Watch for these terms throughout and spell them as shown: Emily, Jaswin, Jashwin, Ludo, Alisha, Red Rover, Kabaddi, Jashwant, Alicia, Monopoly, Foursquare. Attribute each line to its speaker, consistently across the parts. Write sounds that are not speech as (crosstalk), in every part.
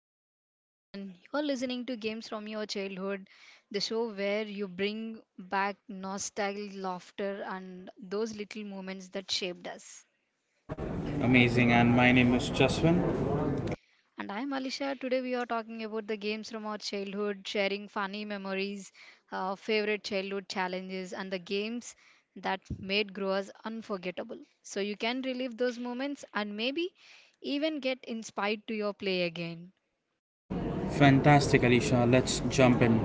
Speaker 1: evening to everyone. You're listening to Games from Your Childhood, the show where you bring back nostalgic laughter and those little moments that shaped us.
Speaker 2: Amazing, and my name is Jaswin.
Speaker 1: And I'm Alisha. Today we are talking about the games from our childhood, sharing funny memories, favorite childhood challenges, and the games that made growers unforgettable. So you can relive those moments and maybe even get inspired to your play again.
Speaker 2: Fantastic, Alicia. Let's jump in.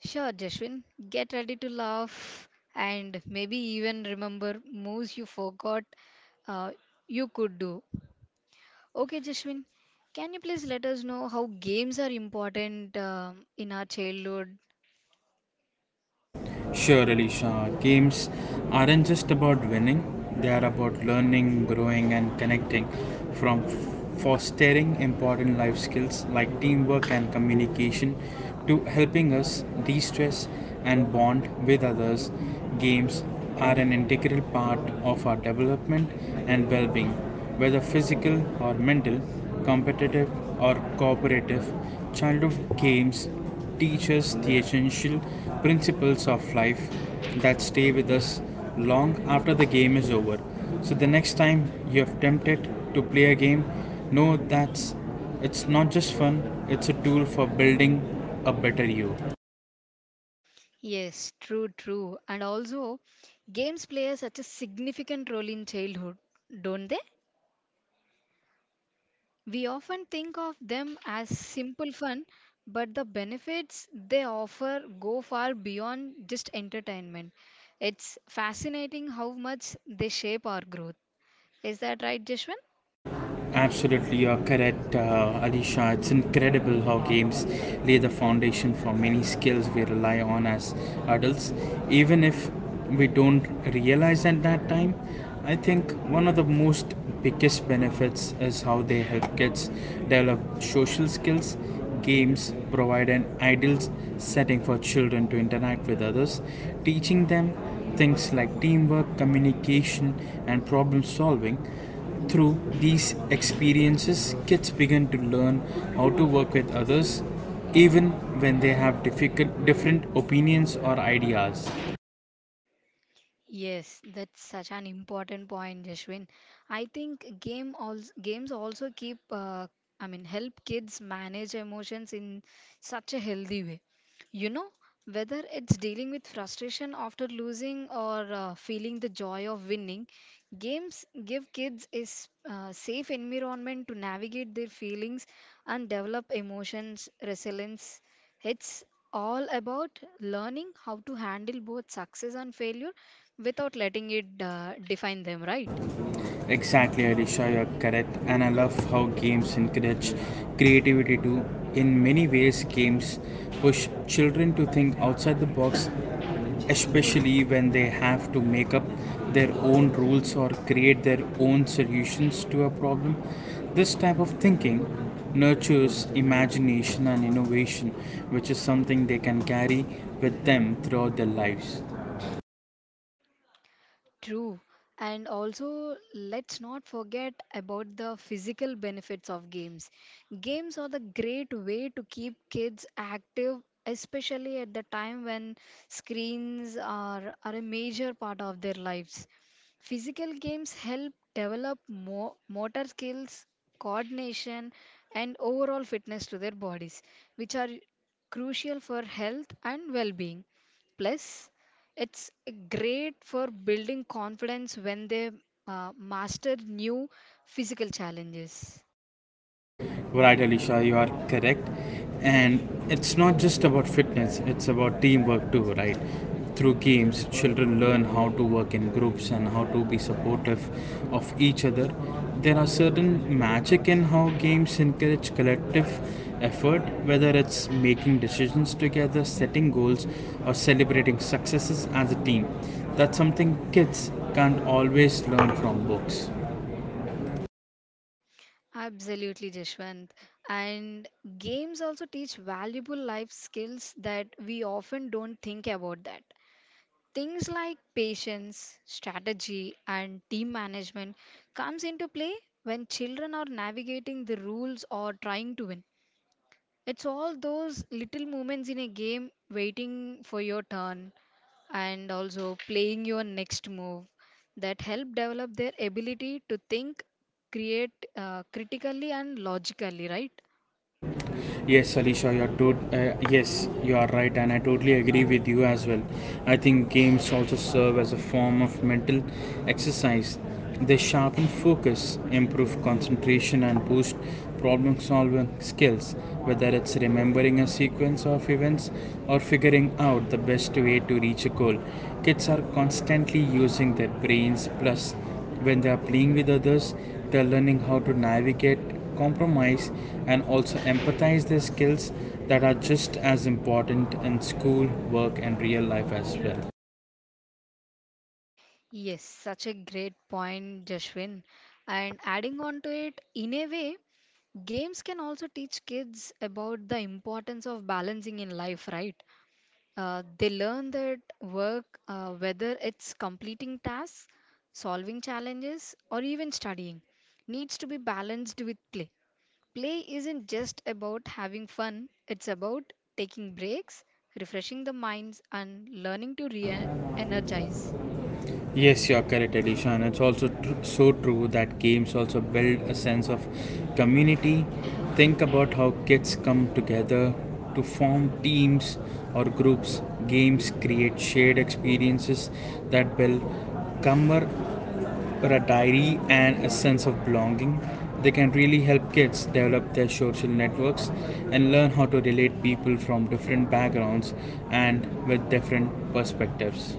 Speaker 1: Sure, Jashwin, get ready to laugh and maybe even remember moves you forgot uh, you could do. Okay, Jashwin, can you please let us know how games are important in our childhood?
Speaker 2: Sure, Alicia. Games aren't just about winning, they are about learning, growing, and connecting, from fostering important life skills like teamwork and communication to helping us de stress and bond with others. Games are an integral part of our development and well being, whether physical or mental, competitive or cooperative. Childhood games teaches the essential principles of life that stay with us long after the game is over. So the next time you're tempted to play a game, know that it's not just fun, it's a tool for building a better you.
Speaker 1: Yes, true, true. And also, games play such a significant role in childhood, don't they? We often think of them as simple fun, but the benefits they offer go far beyond just entertainment. It's fascinating how much they shape our growth. Is that right, Jeshwin?
Speaker 2: Absolutely, you're correct, Alisha. It's incredible how games lay the foundation for many skills we rely on as adults, even if we don't realize at that time. I think one of the most biggest benefits is how they help kids develop social skills. Games provide an ideal setting for children to interact with others, teaching them things like teamwork, communication, and problem solving. Through these experiences, kids begin to learn how to work with others even when they have difficult, different opinions or ideas.
Speaker 1: Yes, that's such an important point, Jashwin. I think games also keep help kids manage emotions in such a healthy way. You know, whether it's dealing with frustration after losing or feeling the joy of winning, games give kids a safe environment to navigate their feelings and develop emotions resilience. It's all about learning how to handle both success and failure without letting it define them, right?
Speaker 2: Exactly, Alisha, you're correct. And I love how games encourage creativity too. In many ways, games push children to think outside the box, especially when they have to make up their own rules or create their own solutions to a problem. This type of thinking nurtures imagination and innovation, which is something they can carry with them throughout their lives.
Speaker 1: True. And also, let's not forget about the physical benefits of games. Games are the great way to keep kids active, especially at the time when screens are a major part of their lives. Physical games help develop motor skills, coordination, and overall fitness to their bodies, which are crucial for health and well being. Plus, it's great for building confidence when they master new physical challenges.
Speaker 2: Right, Alisha, you are correct. And it's not just about fitness, it's about teamwork too, right? Through games, children learn how to work in groups and how to be supportive of each other. There are certain magic in how games encourage collective effort, whether it's making decisions together, setting goals, or celebrating successes as a team. That's something kids can't always learn from books.
Speaker 1: Absolutely, Jashwant. And games also teach valuable life skills that we often don't think about that. Things like patience, strategy, and team management comes into play when children are navigating the rules or trying to win. It's all those little moments in a game waiting for your turn and also playing your next move that help develop their ability to think create critically and logically, right?
Speaker 2: Yes, you are right, and I totally agree with you as well. I think games also serve as a form of mental exercise. They sharpen focus, improve concentration, and boost problem solving skills, whether it's remembering a sequence of events or figuring out the best way to reach a goal. Kids are constantly using their brains plus when they are playing with others, they are learning how to navigate, compromise, and also empathize their skills that are just as important in school, work, and real life as well.
Speaker 1: Yes, such a great point, Jashwin. And adding on to it in a way, games can also teach kids about the importance of balancing in life, right? They learn that work, whether it's completing tasks, solving challenges, or even studying, needs to be balanced with play. Play isn't just about having fun, it's about taking breaks, refreshing the minds, and learning to re energize.
Speaker 2: Yes, you're correct, Alicia, and it's also so true that games also build a sense of community. Think about how kids come together to form teams or groups. Games create shared experiences that build camar- or a diary and a sense of belonging. They can really help kids develop their social networks and learn how to relate people from different backgrounds and with different perspectives.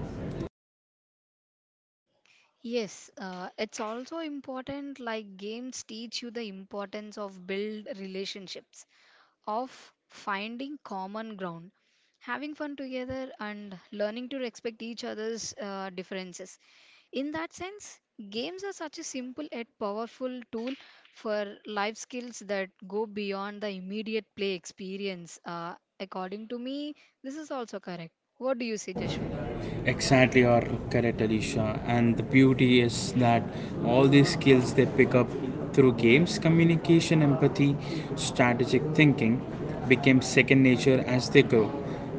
Speaker 1: Yes, it's also important, like games teach you the importance of build relationships, of finding common ground, having fun together, and learning to respect each other's differences. In that sense, games are such a simple yet powerful tool for life skills that go beyond the immediate play experience. According to me, this is also correct. What do you say, Jashwin?
Speaker 2: Exactly, or are correct, Alicia. And the beauty is that all these skills they pick up through games, communication, empathy, strategic thinking became second nature as they grow.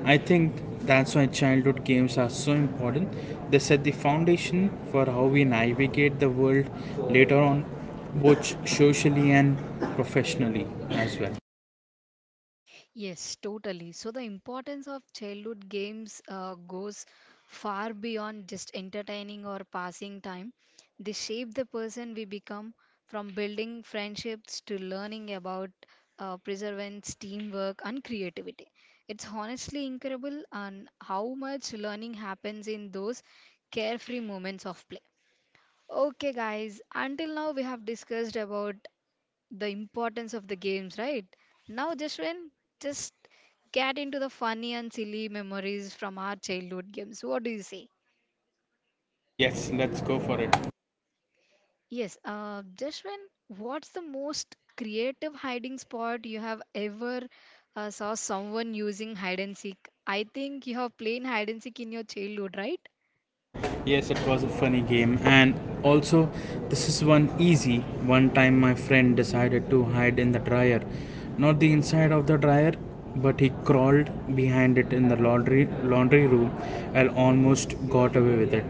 Speaker 2: I think that's why childhood games are so important. They set the foundation for how we navigate the world later on, both socially and professionally as well.
Speaker 1: Yes, totally. So the importance of childhood games goes far beyond just entertaining or passing time. They shape the person we become, from building friendships to learning about perseverance, teamwork, and creativity. It's honestly incredible on how much learning happens in those carefree moments of play. Okay, guys, until now we have discussed about the importance of the games, right? Now, Jashwin, just get into the funny and silly memories from our childhood games. What do you say?
Speaker 2: Yes, let's go for it.
Speaker 1: Yes, Jashwin, what's the most creative hiding spot you have ever saw someone using hide and seek? I think you have played hide and seek in your childhood, right?
Speaker 2: Yes, it was a funny game, and also, this is one easy. One time, my friend decided to hide in the dryer. Not the inside of the dryer, but he crawled behind it in the laundry room and almost got away with it.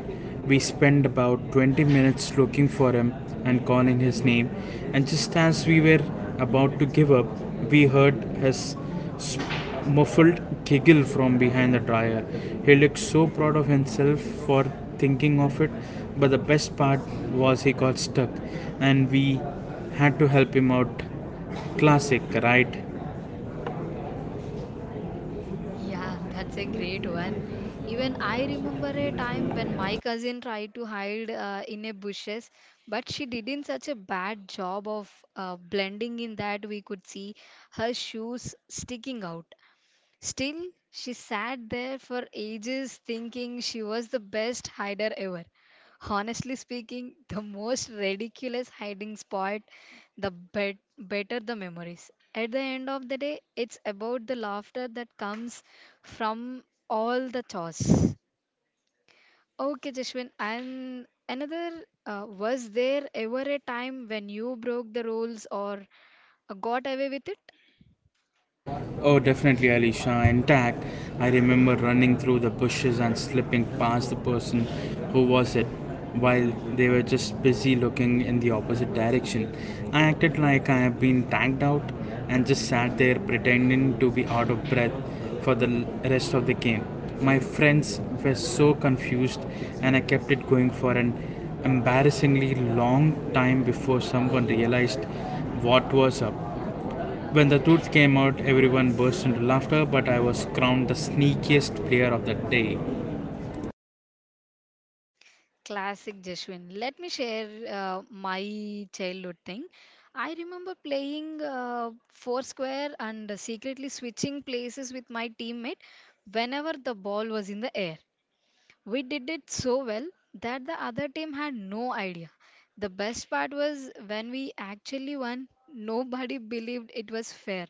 Speaker 2: We spent about 20 minutes looking for him and calling his name, and just as we were about to give up, we heard his muffled giggle from behind the dryer. He looked so proud of himself for thinking of it, but the best part was he got stuck and we had to help him out. Classic, right?
Speaker 1: Yeah, that's a great one. Even I remember a time when my cousin tried to hide in a bushes, but she did in such a bad job of blending in that we could see her shoes sticking out. Still, she sat there for ages thinking she was the best hider ever. Honestly speaking, the most ridiculous hiding spot, the better the memories. At the end of the day, it's about the laughter that comes from all the chores. Okay, Jashwin, and another, was there ever a time when you broke the rules or got away with it?
Speaker 2: Oh, definitely, Alisha. Intact, I remember running through the bushes and slipping past the person who was it while they were just busy looking in the opposite direction. I acted like I had been tagged out and just sat there pretending to be out of breath for the rest of the game. My friends were so confused, and I kept it going for an embarrassingly long time before someone realized what was up. When the truth came out, everyone burst into laughter, but I was crowned the sneakiest player of the day.
Speaker 1: Classic Jeshwin. Let me share my childhood thing. I remember playing Foursquare and secretly switching places with my teammate whenever the ball was in the air. We did it so well that the other team had no idea. The best part was when we actually won, nobody believed it was fair.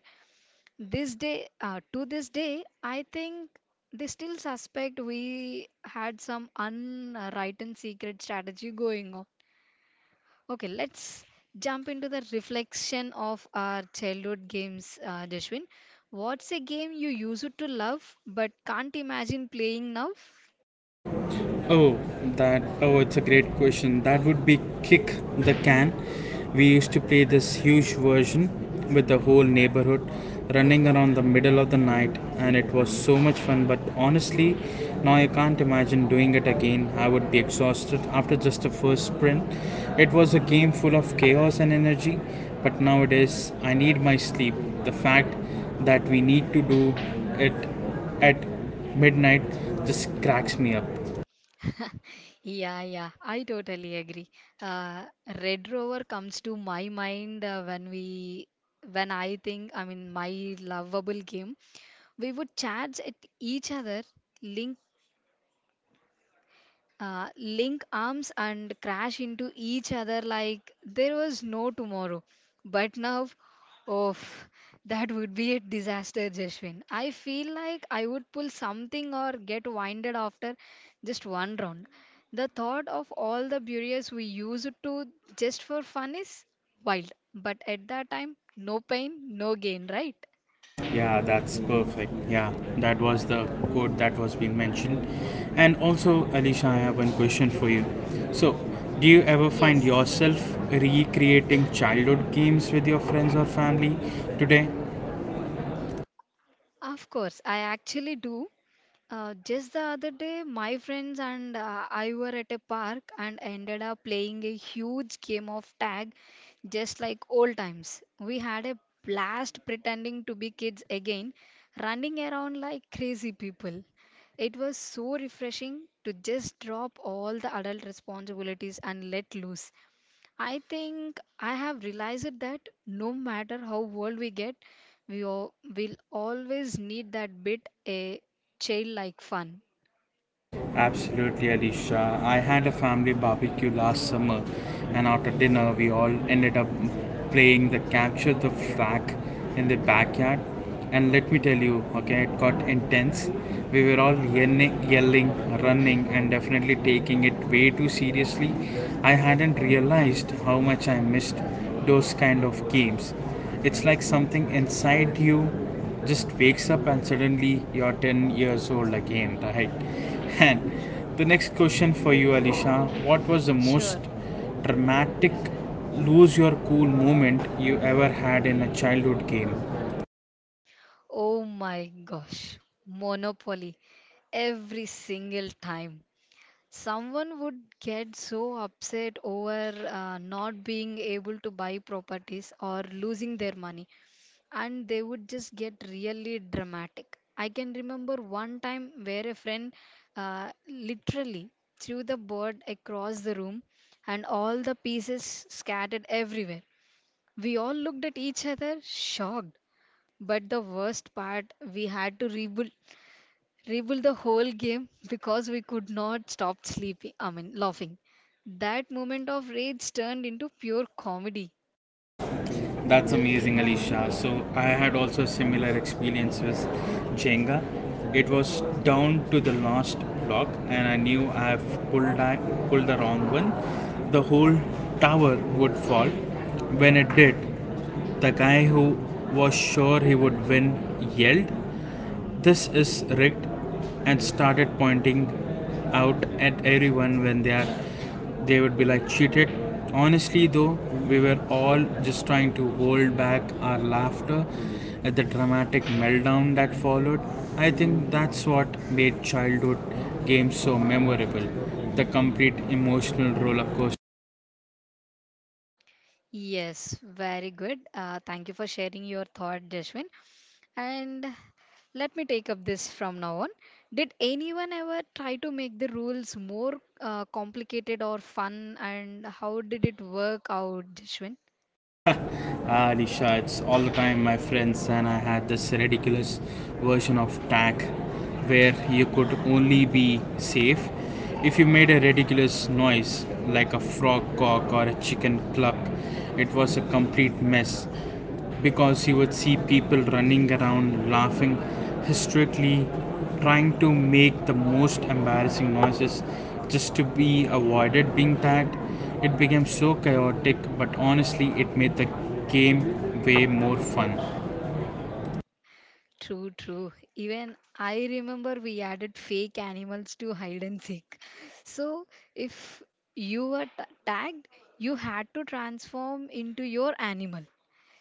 Speaker 1: To this day, I think they still suspect we had some unwritten secret strategy going on. Okay, let's jump into the reflection of our childhood games, Jashwin. What's a game you used to love but can't imagine playing now?
Speaker 2: Oh, that. Oh, it's a great question. That would be Kick the Can. We used to play this huge version with the whole neighborhood running around the middle of the night, and it was so much fun. But honestly, now I can't imagine doing it again. I would be exhausted after just the first sprint. It was a game full of chaos and energy, but nowadays I need my sleep. The fact that we need to do it at midnight just cracks me up.
Speaker 1: (laughs) Yeah, yeah, I totally agree. Uh, Red Rover comes to my mind when I think, I mean, my lovable game. We would charge at each other, link link arms and crash into each other like there was no tomorrow. But now, oh, that would be a disaster, Jashwin. I feel like I would pull something or get winded after just one round. The thought of all the burials we used to just for fun is wild. But at that time, no pain, no gain, right?
Speaker 2: Yeah, that's perfect. Yeah, that was the quote that was being mentioned. And also, Alicia, I have one question for you. So, do you ever find
Speaker 1: Yes.
Speaker 2: yourself recreating childhood games with your friends or family today?
Speaker 1: Of course, I actually do. Just the other day, my friends and I were at a park and ended up playing a huge game of tag, just like old times. We had a blast pretending to be kids again, running around like crazy people. It was so refreshing to just drop all the adult responsibilities and let loose. I think I have realized that no matter how old we get, we all, will always need that bit a childlike fun.
Speaker 2: Absolutely, Alicia. I had a family barbecue last summer, and after dinner, we all ended up playing the capture the flag in the backyard. And let me tell you, okay, it got intense. We were all yelling, running, and definitely taking it way too seriously. I hadn't realized how much I missed those kind of games. It's like something inside you just wakes up and suddenly you're 10 years old again, right? (laughs) And the next question for you, Alisha, what was the most
Speaker 1: Sure.
Speaker 2: dramatic lose your cool moment you ever had in a childhood game?
Speaker 1: Oh my gosh, Monopoly. Every single time. Someone would get so upset over not being able to buy properties or losing their money, and they would just get really dramatic. I can remember one time where a friend literally threw the bird across the room and all the pieces scattered everywhere. We all looked at each other shocked. But the worst part, we had to rebuild the whole game because we could not stop sleeping, I mean, laughing. That moment of rage turned into pure comedy.
Speaker 2: That's amazing, Alicia. So I had also a similar experience with Jenga. It was down to the last block, and I pulled the wrong one. The whole tower would fall. When it did, the guy who was sure he would win yelled, this is rigged and started pointing out at everyone when they would be like cheated. Honestly though, we were all just trying to hold back our laughter at the dramatic meltdown that followed. I think that's what made childhood games so memorable. The complete emotional rollercoaster.
Speaker 1: Yes, very good. Thank you for sharing your thought, Jashwin. And let me take up this from now on. Did anyone ever try to make the rules more complicated or fun? And how did it work out, Jishwin?
Speaker 2: Ah, Risha, it's all the time my friends and I had this ridiculous version of tag where you could only be safe if you made a ridiculous noise like a frog cock or a chicken cluck. It was a complete mess because you would see people running around laughing hysterically, trying to make the most embarrassing noises just to be avoided being tagged. It became so chaotic, but honestly, it made the game way more fun.
Speaker 1: True, true. Even I remember we added fake animals to hide and seek. So if you were tagged, you had to transform into your animal.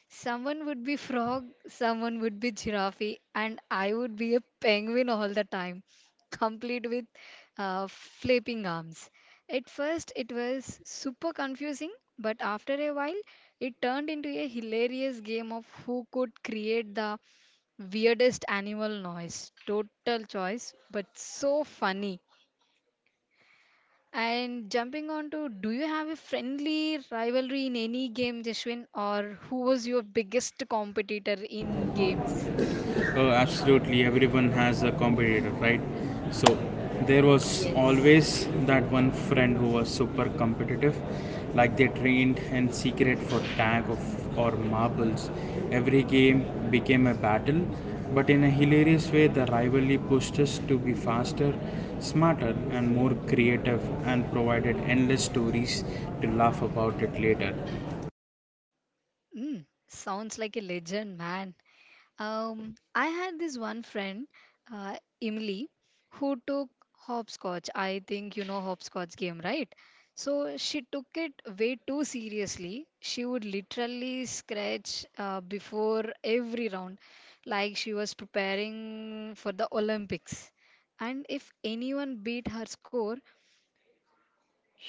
Speaker 1: Someone would be frog, someone would be giraffe, and I would be a penguin all the time, complete with flapping arms. At first, it was super confusing, but after a while, it turned into a hilarious game of who could create the weirdest animal noise. Total choice, but so funny. And jumping on to, do you have a friendly rivalry in any game, Jashwin, or who was your biggest competitor in games?
Speaker 2: Absolutely, everyone has a competitor, right? So there was
Speaker 1: Yes.
Speaker 2: always that one friend who was super competitive. Like they trained in secret for tag of, or marbles. Every game became a battle, but in a hilarious way, the rivalry pushed us to be faster, smarter, and more creative, and provided endless stories to laugh about it later.
Speaker 1: Mm, sounds like a legend, man. I had this one friend, Emily, who took hopscotch. I think you know hopscotch game, right? So she took it way too seriously. She would literally scratch before every round, like she was preparing for the Olympics. And if anyone beat her score,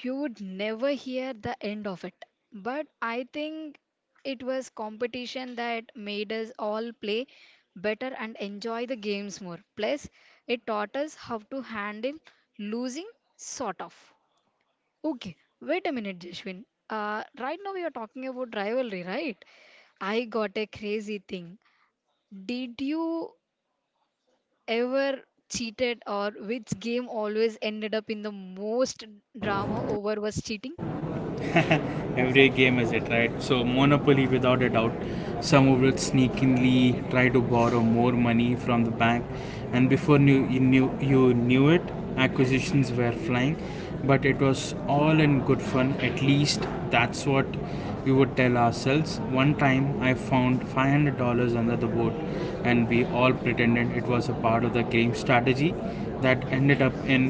Speaker 1: you would never hear the end of it. But I think it was competition that made us all play better and enjoy the games more. Plus, it taught us how to handle losing, sort of. Okay, wait a minute, Jashwin. Right now, we are talking about rivalry, right? I got a crazy thing. Did you ever cheated, or which game always ended up in the most drama over was cheating?
Speaker 2: Every game has it, right? So Monopoly, without a doubt, some of it sneakingly try to borrow more money from the bank, and before knew, you knew you knew it, acquisitions were flying. But it was all in good fun. At least that's what we would tell ourselves. One time, I found $500 under the board, and we all pretended it was a part of the game strategy that ended up in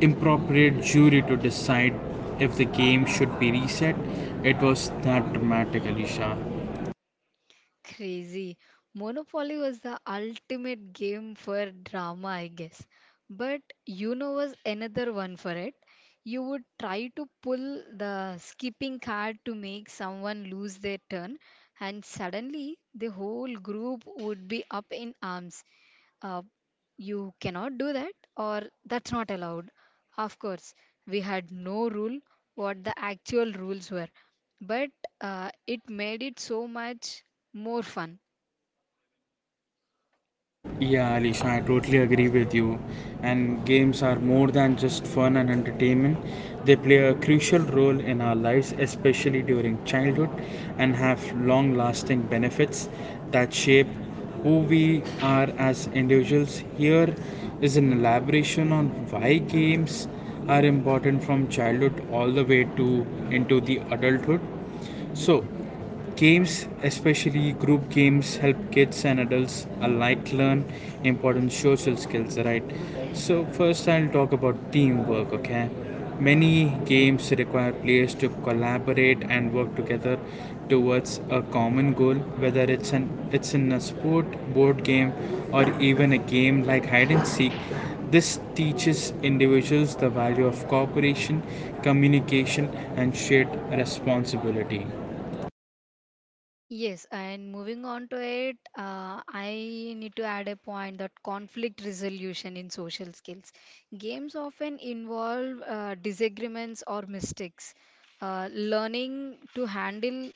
Speaker 2: improper jury to decide if the game should be reset. It was that dramatic, Alisha.
Speaker 1: Crazy. Monopoly was the ultimate game for drama, I guess. But you know was another one for it. You would try to pull the skipping card to make someone lose their turn, and suddenly the whole group would be up in arms. Uh, you cannot do that, or that's not allowed. Of course, we had no rule what the actual rules were, but it made it so much more fun.
Speaker 2: Yeah, Alisha, I totally agree with you. And games are more than just fun and entertainment. They play a crucial role in our lives, especially during childhood, and have long lasting benefits that shape who we are as individuals. Here is an elaboration on why games are important from childhood all the way to into the adulthood. So, games, especially group games, help kids and adults alike learn important social skills, right? So, first, I'll talk about teamwork, okay? Many games require players to collaborate and work together towards a common goal, whether it's in a sport, board game, or even a game like hide and seek. This teaches individuals the value of cooperation, communication, and shared responsibility.
Speaker 1: Yes, and moving on to it, I need to add a point that conflict resolution in social skills. Games often involve disagreements or mistakes. Learning to handle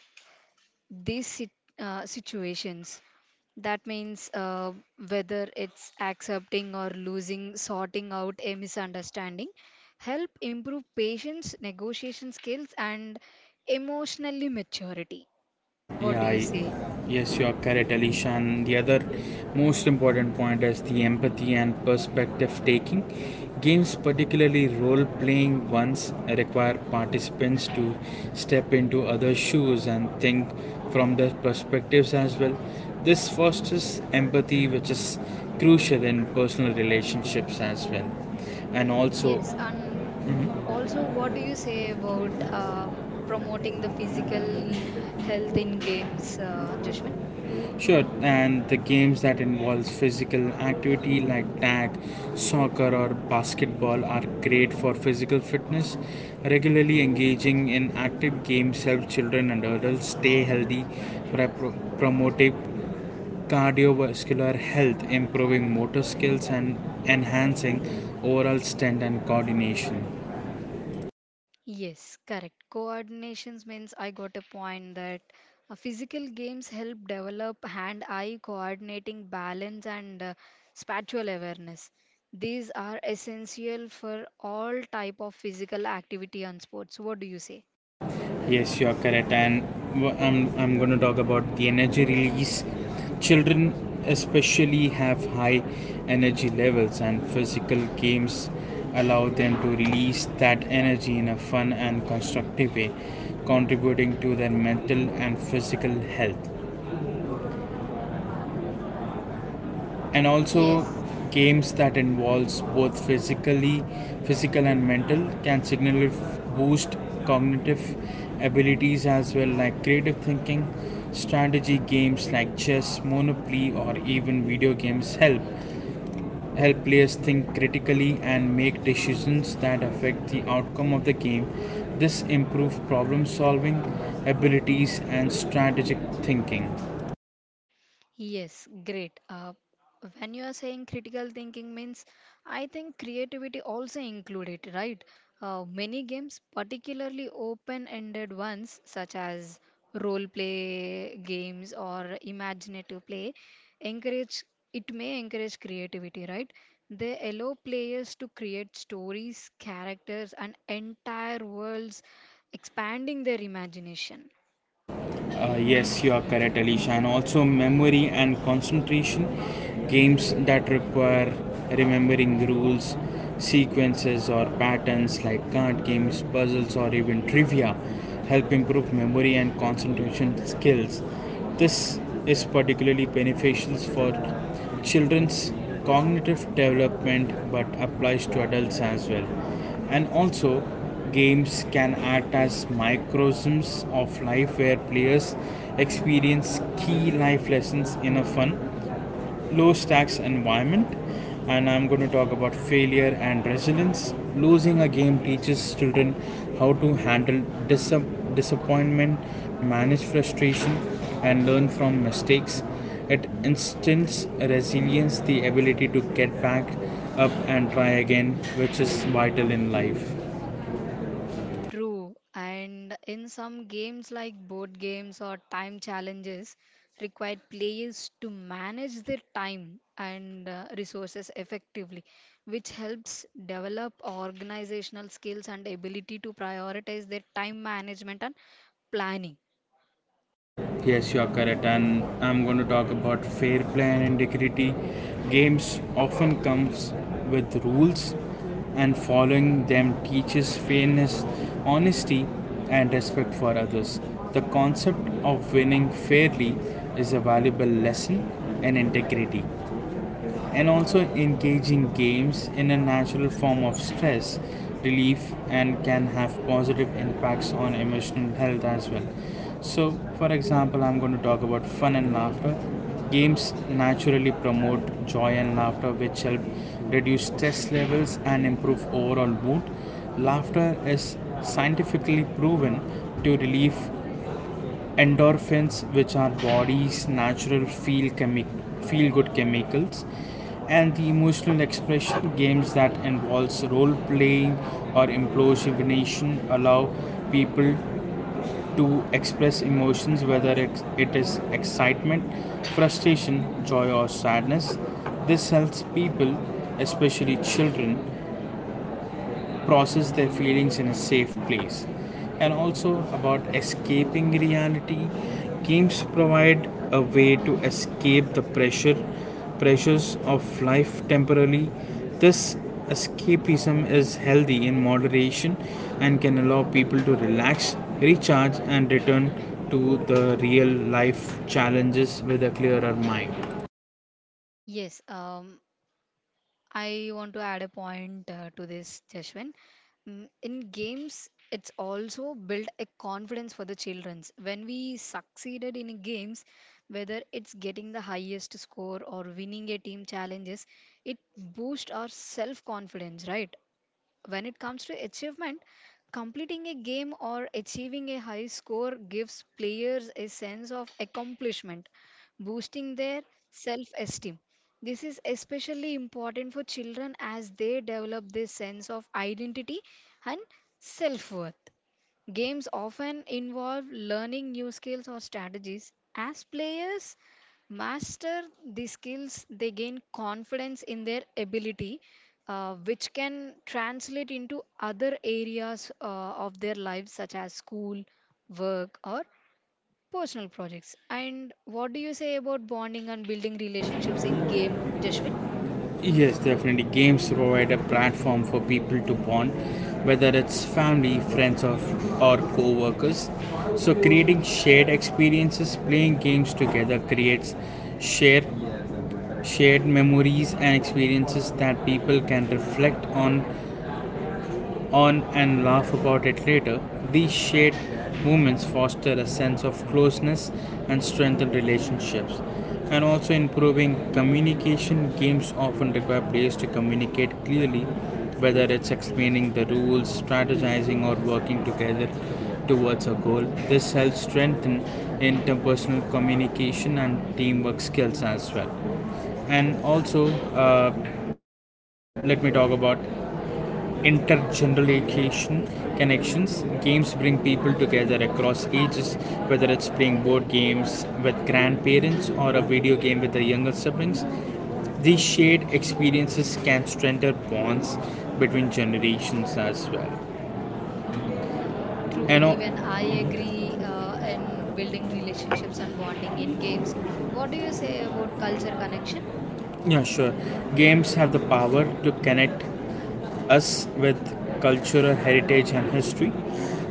Speaker 1: these situations. That means, whether it's accepting or losing, sorting out a misunderstanding, help improve patience, negotiation skills, and emotionally maturity. What
Speaker 2: Yeah,
Speaker 1: do you
Speaker 2: I,
Speaker 1: say?
Speaker 2: yes, you are correct, Alicia. And the other most important point is the empathy and perspective taking. Games, particularly role playing ones, require participants to step into other shoes and think from their perspectives as well. This fosters empathy, which is crucial in personal relationships as well. And also,
Speaker 1: Yes, and also, what do you say about promoting the physical health in games, Jashwin?
Speaker 2: sure, and the games that involve physical activity like tag, soccer, or basketball are great for physical fitness. Regularly engaging in active games helps children and adults stay healthy by promoting cardiovascular health, improving motor skills, and enhancing overall strength and coordination.
Speaker 1: Yes, correct. Coordinations means I got a point that physical games help develop hand-eye coordinating balance and spatial awareness. These are essential for all type of physical activity and sports. What do you say?
Speaker 2: Yes, you are correct. And I'm going to talk about the energy release. Children, especially, have high energy levels, and physical games allow them to release that energy in a fun and constructive way, contributing to their mental and physical health. And also
Speaker 1: Yes.
Speaker 2: games that involves both physically physical and mental can significantly boost cognitive abilities as well, like creative thinking. Strategy games like chess, monopoly, or even video games help players think critically and make decisions that affect the outcome of the game. This improves problem solving abilities and strategic thinking.
Speaker 1: Yes, great. When you are saying critical thinking means, I think creativity also include it, right? Many games, particularly open-ended ones such as role play games or imaginative play, encourage it may encourage creativity, right? They allow players to create stories, characters, and entire worlds, expanding their imagination.
Speaker 2: Yes, you are correct, Alicia. And also, memory and concentration games that require remembering rules, sequences, or patterns like card games, puzzles, or even trivia help improve memory and concentration skills. This is particularly beneficial for children's cognitive development but applies to adults as well. And also, games can act as microcosms of life where players experience key life lessons in a fun, low stakes environment. And I'm going to talk about failure and resilience. Losing a game teaches children how to handle disappointment, manage frustration, and learn from mistakes. It instills resilience, the ability to get back up and try again, which is vital in life.
Speaker 1: True, and in some games like board games or time challenges, required players to manage their time and resources effectively, which helps develop organizational skills and ability to prioritize their time management and planning.
Speaker 2: Yes, you are correct, and I'm going to talk about fair play and integrity. Games often comes with rules, and following them teaches fairness, honesty, and respect for others. The concept of winning fairly is a valuable lesson in integrity. And also engage in games in a natural form of stress relief and can have positive impacts on emotional health as well. So, for example, I'm going to talk about fun and laughter. Games naturally promote joy and laughter which help reduce stress levels and improve overall mood. Laughter is scientifically proven to relieve endorphins, which are body's natural feel good chemicals. And the emotional expression, games that involves role playing or improvisation allow people to express emotions, whether it is excitement, frustration, joy, or sadness. This helps people, especially children, process their feelings in a safe place. And also about escaping reality, games provide a way to escape the pressures of life temporarily. This escapism is healthy in moderation and can allow people to relax, recharge, and return to the real life challenges with a clearer mind.
Speaker 1: Yes, I want to add a point to this, Jashwin. In games, it's also built a confidence for the childrens. When we succeeded in games, whether it's getting the highest score or winning a team challenges, it boosts our self confidence, right? When it comes to achievement, completing a game or achieving a high score gives players a sense of accomplishment, boosting their self esteem. This is especially important for children as they develop this sense of identity and self worth. Games often involve learning new skills or strategies. As players master the skills, they gain confidence in their ability, which can translate into other areas of their lives, such as school, work, or personal projects. And what do you say about bonding and building relationships in game, Jashwin?
Speaker 2: Yes, definitely. Games provide a platform for people to bond, whether it's family, friends, or co workers. So, creating shared experiences, playing games together creates shared, shared memories and experiences that people can reflect on and laugh about it later. These shared moments foster a sense of closeness and strengthen relationships. And also improving communication, games often require players to communicate clearly, whether it's explaining the rules, strategizing, or working together towards a goal. This helps strengthen interpersonal communication and teamwork skills as well. And also, uh, let me talk about intergenerational connections. Games bring people together across ages, whether it's playing board games with grandparents or a video game with the younger siblings. These shared experiences can strengthen bonds between generations as well.
Speaker 1: True,
Speaker 2: You know,
Speaker 1: even I agree in building relationships and bonding in games. What do you say about culture connection?
Speaker 2: yeah, sure. Games have the power to connect us with cultural heritage and history.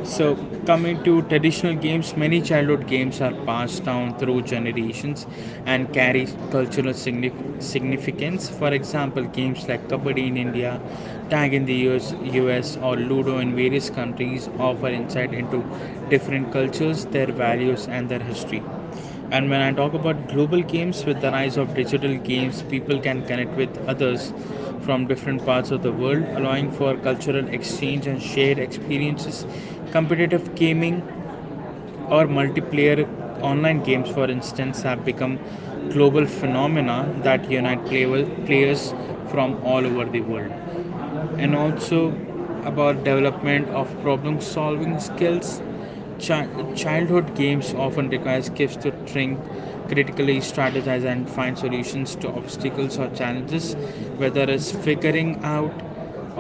Speaker 2: So, coming to traditional games, many childhood games are passed down through generations and carry cultural significance. For example, games like Kabaddi in India, Tag in the US, or Ludo in various countries offer insight into different cultures, their values, and their history. And when I talk about global games, with the rise of digital games, people can connect with others from different parts of the world, allowing for cultural exchange and shared experiences. Competitive gaming or multiplayer online games, for instance, have become global phenomena that unite players from all over the world. And also about development of problem solving skills, childhood games often requires kids to think critically, strategize, and find solutions to obstacles or challenges. Whether it's figuring out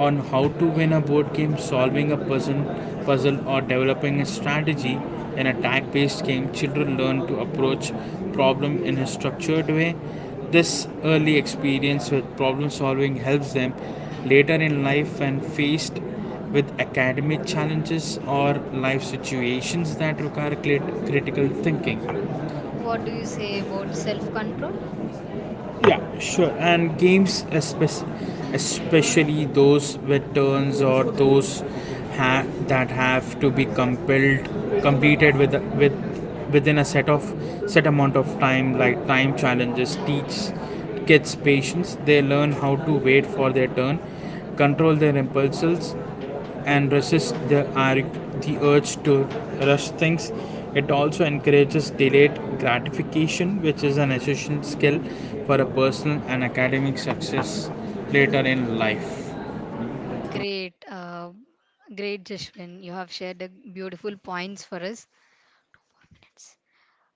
Speaker 2: on how to win a board game, solving a puzzle, or developing a strategy in a tag based game, children learn to approach problem in a structured way. This early experience with problem solving helps them later in life when faced with academic challenges or life situations that require critical thinking.
Speaker 1: What do you say about self control?
Speaker 2: Yeah, sure. And games, especially those with turns or those that have to be completed with within a set amount of time, like time challenges, teach kids patience. They learn how to wait for their turn, control their impulses, and resist the urge to rush things. It also encourages delayed gratification, which is an essential skill for a personal and academic success later in life.
Speaker 1: Great, great, Jashwin. You have shared a beautiful points for us. 4 minutes.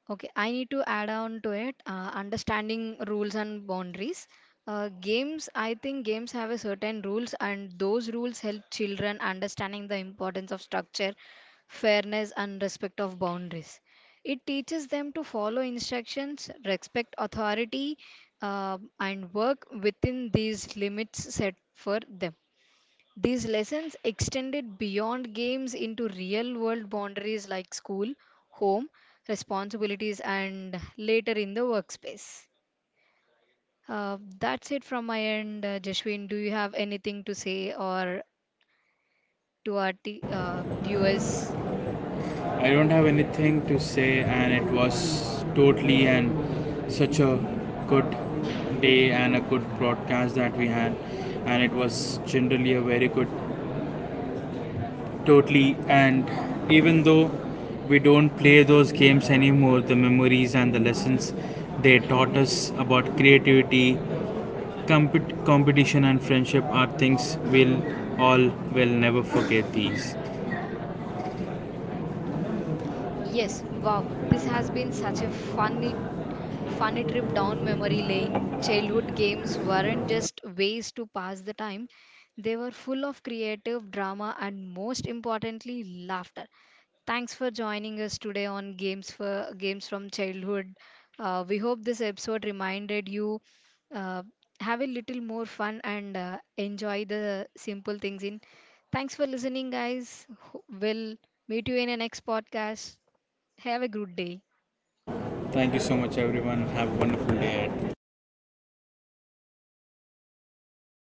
Speaker 1: Okay, I need to add on to it understanding rules and boundaries. Games, I think games have a certain rules, and those rules help children understanding the importance of structure, fairness, and respect of boundaries. It teaches them to follow instructions, respect authority, and work within these limits set for them. These lessons extended beyond games into real world boundaries like school, home, responsibilities, and later in the workspace. That's it from my end, Jashwin. Do you have anything to say or to our viewers?
Speaker 2: I don't have anything to say, and it was totally and such a good day and a good broadcast that we had, and it was generally a very good. Totally, and even though we don't play those games anymore, the memories and the lessons they taught us about creativity, competition, and friendship are things we'll all will never forget. These.
Speaker 1: Yes, wow. This has been such a funny trip down memory lane. Childhood games weren't just ways to pass the time, they were full of creative drama and, most importantly, laughter. Thanks for joining us today on Games for Games from Childhood. We hope this episode reminded you uh, have a little more fun and enjoy the simple things in. Thanks for listening, guys. We'll meet you in the next podcast. Have a good day.
Speaker 2: Thank you so much, everyone. Have a wonderful day ahead.